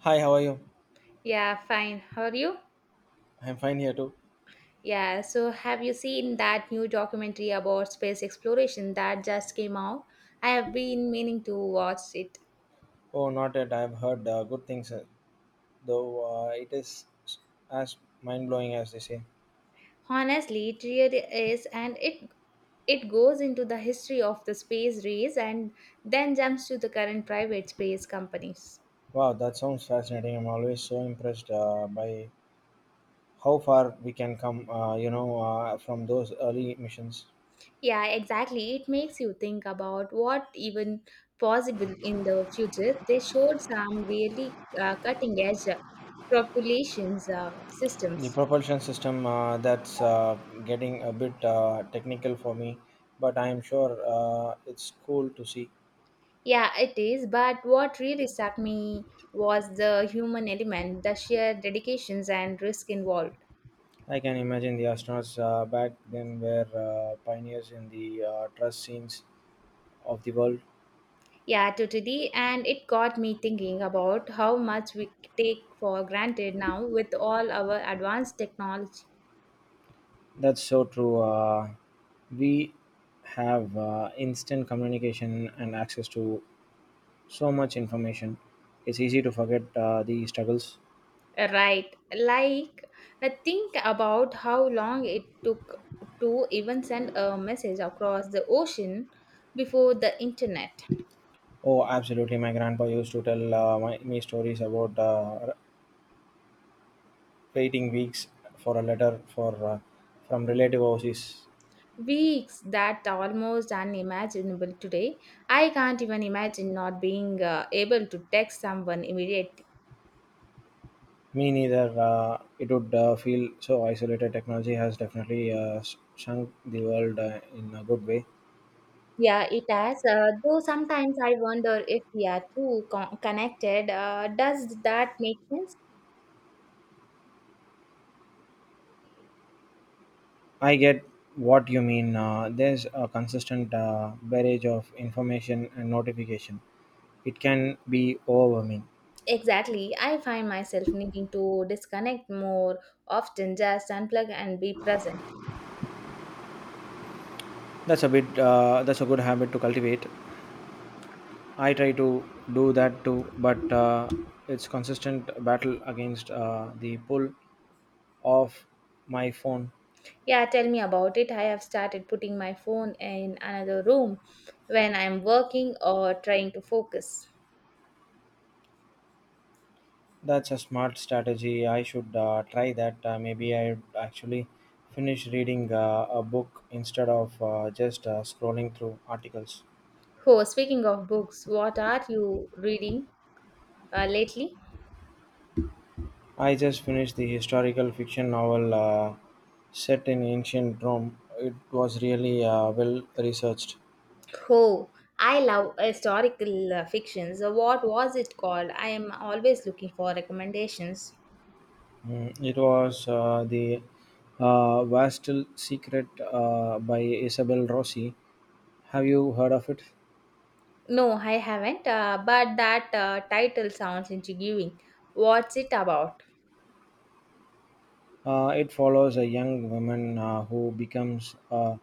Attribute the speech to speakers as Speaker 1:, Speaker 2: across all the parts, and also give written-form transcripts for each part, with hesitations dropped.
Speaker 1: Hi, how are you?
Speaker 2: Yeah, fine. How are you?
Speaker 1: I'm fine here too.
Speaker 2: Yeah, so have you seen that new documentary about space exploration that just came out? I have been meaning to watch it.
Speaker 1: Oh, not yet. I've heard good things, though it is as mind blowing as they say.
Speaker 2: Honestly, it really is, and it goes into the history of the space race and then jumps to the current private space companies.
Speaker 1: Wow, that sounds fascinating. I'm always so impressed by how far we can come, from those early missions.
Speaker 2: Yeah, exactly. It makes you think about what even possible in the future. They showed some really cutting edge propulsion
Speaker 1: The
Speaker 2: systems.
Speaker 1: propulsion system that's getting a bit technical for me, but I'm sure it's cool to see.
Speaker 2: Yeah, it is. But what really struck me was the human element, the sheer dedications and risk involved.
Speaker 1: I can imagine the astronauts back then were pioneers in the trust scenes of the world.
Speaker 2: Yeah, totally. And it got me thinking about how much we take for granted now with all our advanced technology.
Speaker 1: That's so true. We have instant communication and access to so much information. It's easy to forget the struggles.
Speaker 2: Right. Like, I think about how long it took to even send a message across the ocean before the internet.
Speaker 1: Oh, absolutely. My grandpa used to tell me stories about waiting weeks for a letter for from relative overseas.
Speaker 2: Weeks that are almost unimaginable today. I can't even imagine not being able to text someone immediately.
Speaker 1: Me neither. It would feel so isolated. Technology has definitely shrunk the world in a good way.
Speaker 2: Yeah, it has. Though sometimes I wonder if we are too connected. Does that make sense?
Speaker 1: I get what you mean. There's a consistent barrage of information and notification. It can be overwhelming.
Speaker 2: Exactly. I find myself needing to disconnect more often, just unplug and be present.
Speaker 1: That's a bit. That's a good habit to cultivate. I try to do that too, but it's consistent battle against the pull of my phone.
Speaker 2: Yeah, tell me about it. I have started putting my phone in another room when I'm working or trying to focus.
Speaker 1: That's a smart strategy. I should try that. Maybe I actually finish reading a book instead of just scrolling through articles.
Speaker 2: Oh, speaking of books, what are you reading lately?
Speaker 1: I just finished the historical fiction novel set in ancient Rome. It was really well researched.
Speaker 2: Oh, I love historical fiction. So, what was it called? I am always looking for recommendations.
Speaker 1: Mm, it was the Vastal Secret by Isabel Rossi. Have you heard of it?
Speaker 2: No, I haven't, but that title sounds intriguing. What's it about?
Speaker 1: It follows a young woman who becomes a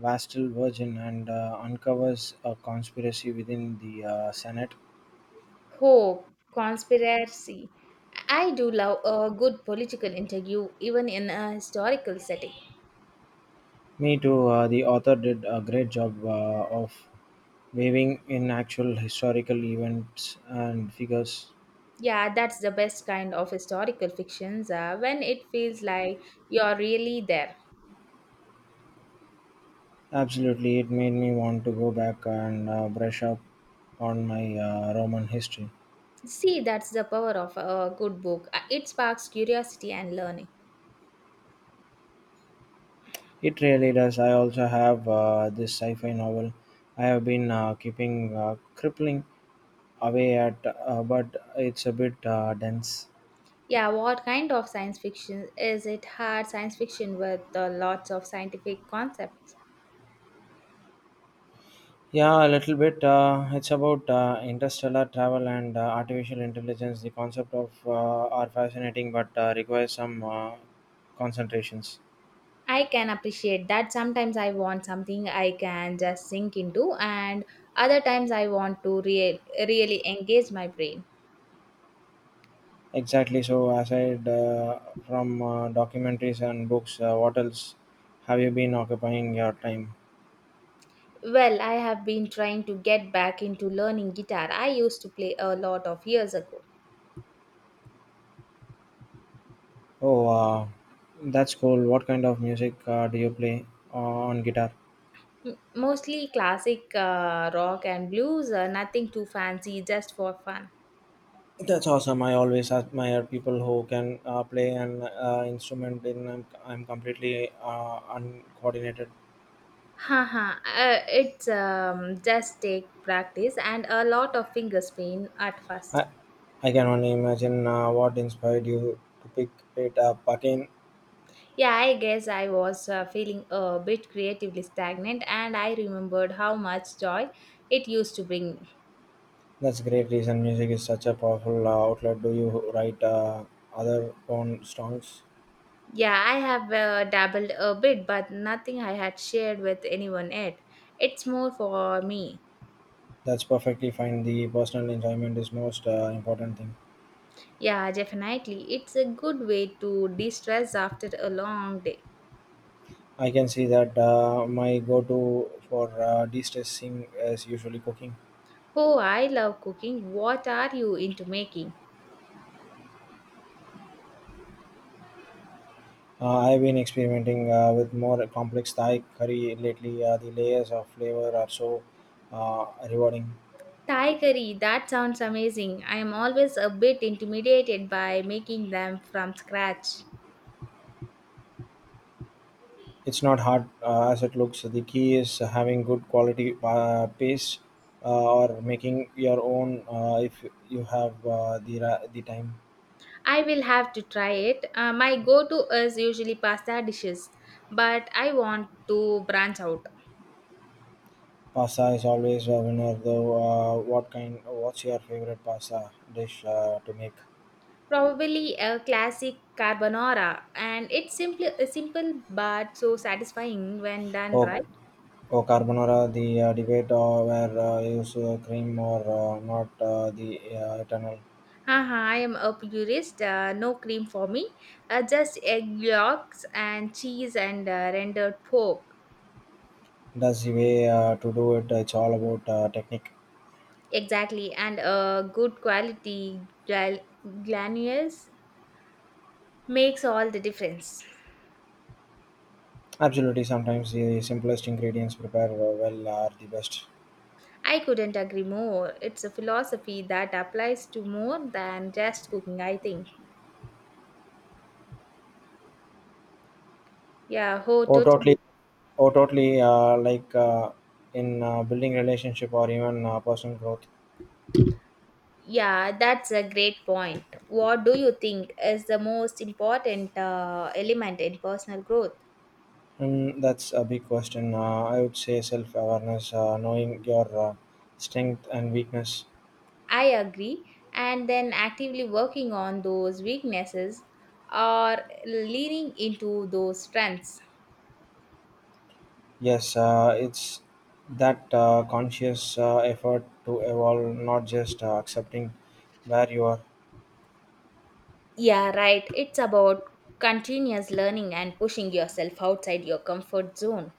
Speaker 1: Vastal virgin and uncovers a conspiracy within the Senate.
Speaker 2: Oh, conspiracy. I do love a good political interview, even in a historical setting.
Speaker 1: Me too. The author did a great job of weaving in actual historical events and figures.
Speaker 2: Yeah, that's the best kind of historical fictions when it feels like you're really there.
Speaker 1: Absolutely, it made me want to go back and brush up on my Roman history.
Speaker 2: See, that's the power of a good book. It sparks curiosity and learning.
Speaker 1: It really does. I also have this sci fi novel I have been keeping crippling away at, but it's a bit dense.
Speaker 2: Yeah, what kind of science fiction? Is it hard science fiction with lots of scientific concepts?
Speaker 1: Yeah, a little bit. It's about interstellar travel and artificial intelligence. The concept of are fascinating, but requires some concentrations.
Speaker 2: I can appreciate that. Sometimes I want something I can just sink into, and other times I want to really engage my brain.
Speaker 1: Exactly. So, aside from documentaries and books, what else have you been occupying your time?
Speaker 2: Well, I have been trying to get back into learning guitar. I used to play a lot of years ago.
Speaker 1: Oh, that's cool. What kind of music do you play uh, on guitar?
Speaker 2: Mostly classic rock and blues, nothing too fancy, just for fun.
Speaker 1: That's awesome. I always admire people who can play an instrument. In I'm completely uncoordinated.
Speaker 2: Haha, it's just take practice and a lot of finger pain at first.
Speaker 1: I, I can only imagine what inspired you to pick it up again.
Speaker 2: Yeah, I guess I was feeling a bit creatively stagnant and I remembered how much joy it used to bring me.
Speaker 1: That's great reason. Music is such a powerful outlet. Do you write other own songs?
Speaker 2: Yeah, I have dabbled a bit, but nothing I had shared with anyone yet. It's more for me.
Speaker 1: That's perfectly fine. The personal enjoyment is most important thing.
Speaker 2: Yeah, definitely. It's a good way to de stress after a long day.
Speaker 1: I can see that my go-to for de-stressing is usually cooking.
Speaker 2: Oh, I love cooking. What are you into making?
Speaker 1: I've been experimenting with more complex Thai curry lately. The layers of flavor are so rewarding.
Speaker 2: Thai curry, that sounds amazing. I am always a bit intimidated by making them from scratch.
Speaker 1: It's not hard as it looks. The key is having good quality paste, or making your own if you have the time.
Speaker 2: I will have to try it. My go to is usually pasta dishes, but I want to branch out.
Speaker 1: Pasta is always a winner, though. What kind? What's your favorite pasta dish to make?
Speaker 2: Probably a classic carbonara, and it's simply simple but so satisfying when done
Speaker 1: Oh,
Speaker 2: right.
Speaker 1: Oh, carbonara, the debate where use cream or not the eternal.
Speaker 2: Haha, I am a purist. No cream for me. Just egg yolks and cheese and rendered pork.
Speaker 1: That's the way to do it. It's all about technique.
Speaker 2: Exactly. And a good quality glanules makes all the difference.
Speaker 1: Absolutely, sometimes the simplest ingredients prepared well are the best.
Speaker 2: I couldn't agree more. It's a philosophy that applies to more than just cooking, I think. Yeah, oh,
Speaker 1: Oh, totally.
Speaker 2: totally.
Speaker 1: Oh, totally. Like, in building relationship or even personal growth.
Speaker 2: Yeah, that's a great point. What do you think is the most important element in personal growth?
Speaker 1: Mm, that's a big question. I would say self awareness, knowing your strength and weakness.
Speaker 2: I agree. And then actively working on those weaknesses or leaning into those strengths.
Speaker 1: Yes, it's that conscious effort to evolve, not just accepting where you are.
Speaker 2: Yeah, right. It's about continuous learning and pushing yourself outside your comfort zone.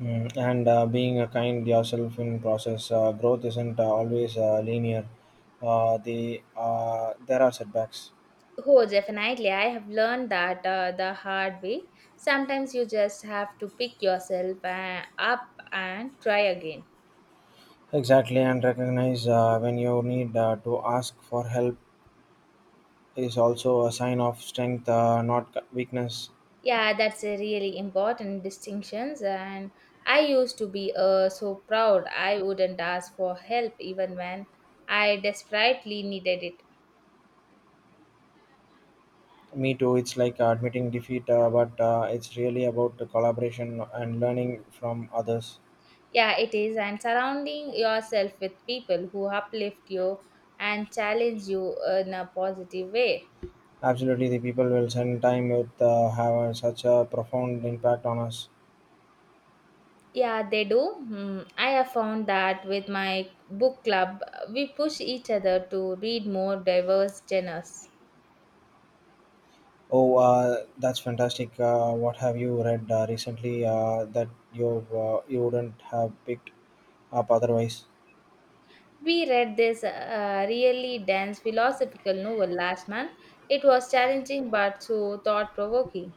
Speaker 1: Mm, and being kind yourself in process. Growth isn't always linear. There are setbacks.
Speaker 2: Oh, definitely. I have learned that the hard way. Sometimes you just have to pick yourself up and try again.
Speaker 1: Exactly, and recognize when you need to ask for help is also a sign of strength, not weakness.
Speaker 2: Yeah, that's a really important distinctions and I used to be so proud I wouldn't ask for help even when I desperately needed it.
Speaker 1: Me too. It's like admitting defeat, but it's really about the collaboration and learning from others.
Speaker 2: Yeah, it is and surrounding yourself with people who uplift you and challenge you in a positive way.
Speaker 1: Absolutely, the people will spend time with have such a profound impact on us.
Speaker 2: Yeah, they do. Hmm, I have found that with my book club, we push each other to read more diverse genres.
Speaker 1: Oh, that's fantastic! What have you read recently that you wouldn't have picked up otherwise?
Speaker 2: We read this really dense philosophical novel last month. It was challenging but so thought provoking.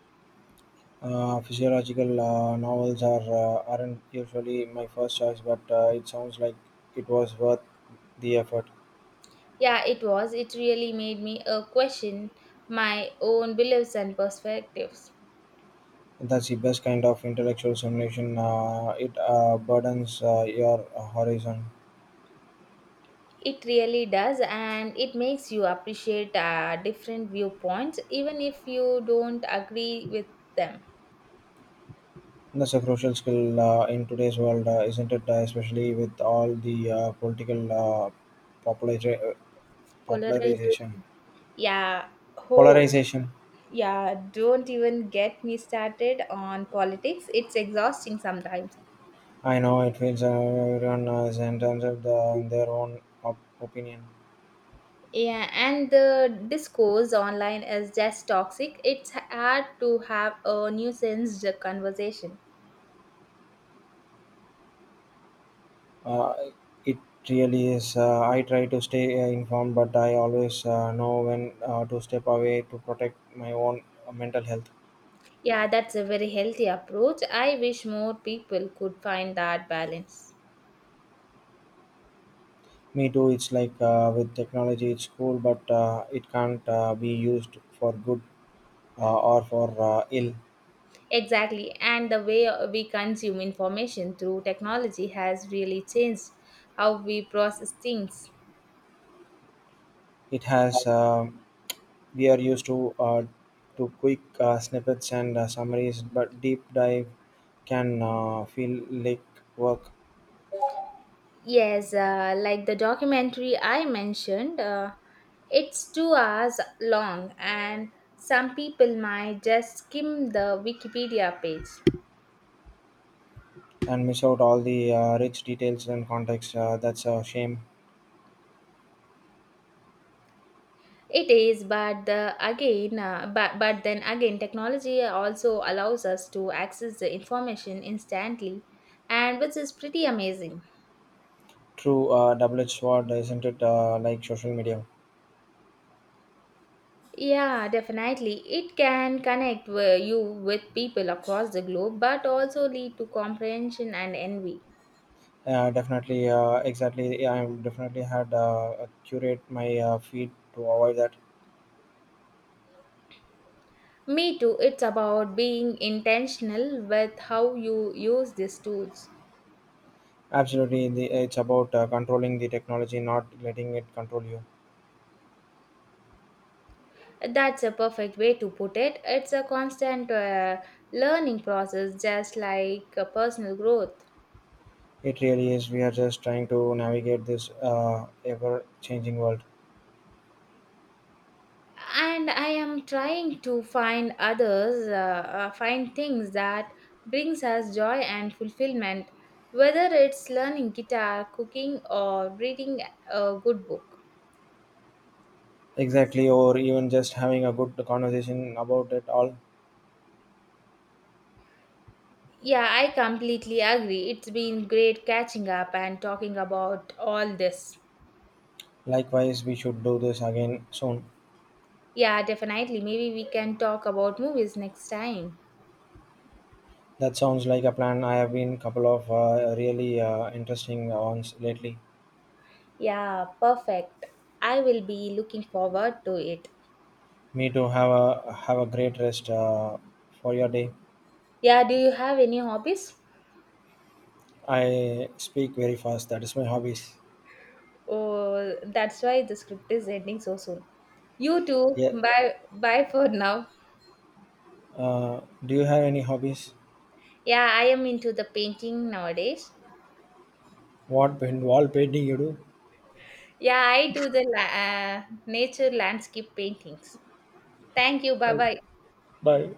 Speaker 1: Physiological novels are aren't usually my first choice, but it sounds like it was worth the effort.
Speaker 2: Yeah, it was. It really made me question my own beliefs and perspectives.
Speaker 1: That's the best kind of intellectual stimulation. It burdens your horizon.
Speaker 2: It really does, and it makes you appreciate different viewpoints, even if you don't agree with them.
Speaker 1: That's a crucial skill in today's world, isn't it? Especially with all the political populari- uh, popularization.
Speaker 2: Polarization. Yeah, ho.
Speaker 1: Polarization.
Speaker 2: Yeah, don't even get me started on politics. It's exhausting sometimes.
Speaker 1: I know it feels everyone is in terms of in their own opinion.
Speaker 2: Yeah, and the discourse online is just toxic. It's hard to have a nuisance conversation.
Speaker 1: Uh, it really is. I try to stay informed, but I always know when to step away to protect my own mental health.
Speaker 2: Yeah, that's a very healthy approach. I wish more people could find that balance.
Speaker 1: Me too. It's like with technology, it's cool, but it can't be used for good or for ill.
Speaker 2: Exactly, and the way we consume information through technology has really changed how we process things.
Speaker 1: It has we are used to quick snippets and summaries, but deep dive can feel like work
Speaker 2: Yes, like the documentary I mentioned, it's 2 hours long, and some people might just skim the Wikipedia page.
Speaker 1: and miss out all the rich details and context. That's a shame.
Speaker 2: It is, but then again, technology also allows us to access the information instantly, and which is pretty amazing.
Speaker 1: True double-edged sword, isn't it? Like social media.
Speaker 2: Yeah, definitely. It can connect you with people across the globe, but also lead to comprehension and envy.
Speaker 1: Exactly. Yeah, I definitely had curate my feed to avoid that.
Speaker 2: Me too, it's about being intentional with how you use these tools.
Speaker 1: Absolutely, it's about controlling the technology, not letting it control you.
Speaker 2: That's a perfect way to put it. It's a constant learning process, just like personal growth.
Speaker 1: It really is. We are just trying to navigate this ever changing world.
Speaker 2: And I am trying to find find things that brings us joy and fulfillment, whether it's learning guitar, cooking, or reading a good book.
Speaker 1: Exactly, or even just having a good conversation about it all.
Speaker 2: Yeah, I completely agree. It's been great catching up and talking about all this.
Speaker 1: Likewise, we should do this again soon.
Speaker 2: Yeah, definitely. Maybe we can talk about movies next time.
Speaker 1: That sounds like a plan. I have been couple of really interesting ones lately.
Speaker 2: Yeah, perfect. I will be looking forward to it.
Speaker 1: Me too. Have a great rest for your day.
Speaker 2: Yeah, do you have any hobbies?
Speaker 1: I speak very fast. That is my hobbies.
Speaker 2: Oh, that's why the script is ending so soon. You too.
Speaker 1: Yeah.
Speaker 2: Bye bye for now.
Speaker 1: Do you have any hobbies?
Speaker 2: Yeah, I am into the painting nowadays.
Speaker 1: What paint, wall painting you do?
Speaker 2: Yeah, I do the nature landscape paintings. Thank you. Bye
Speaker 1: Bye.
Speaker 2: bye.
Speaker 1: Bye.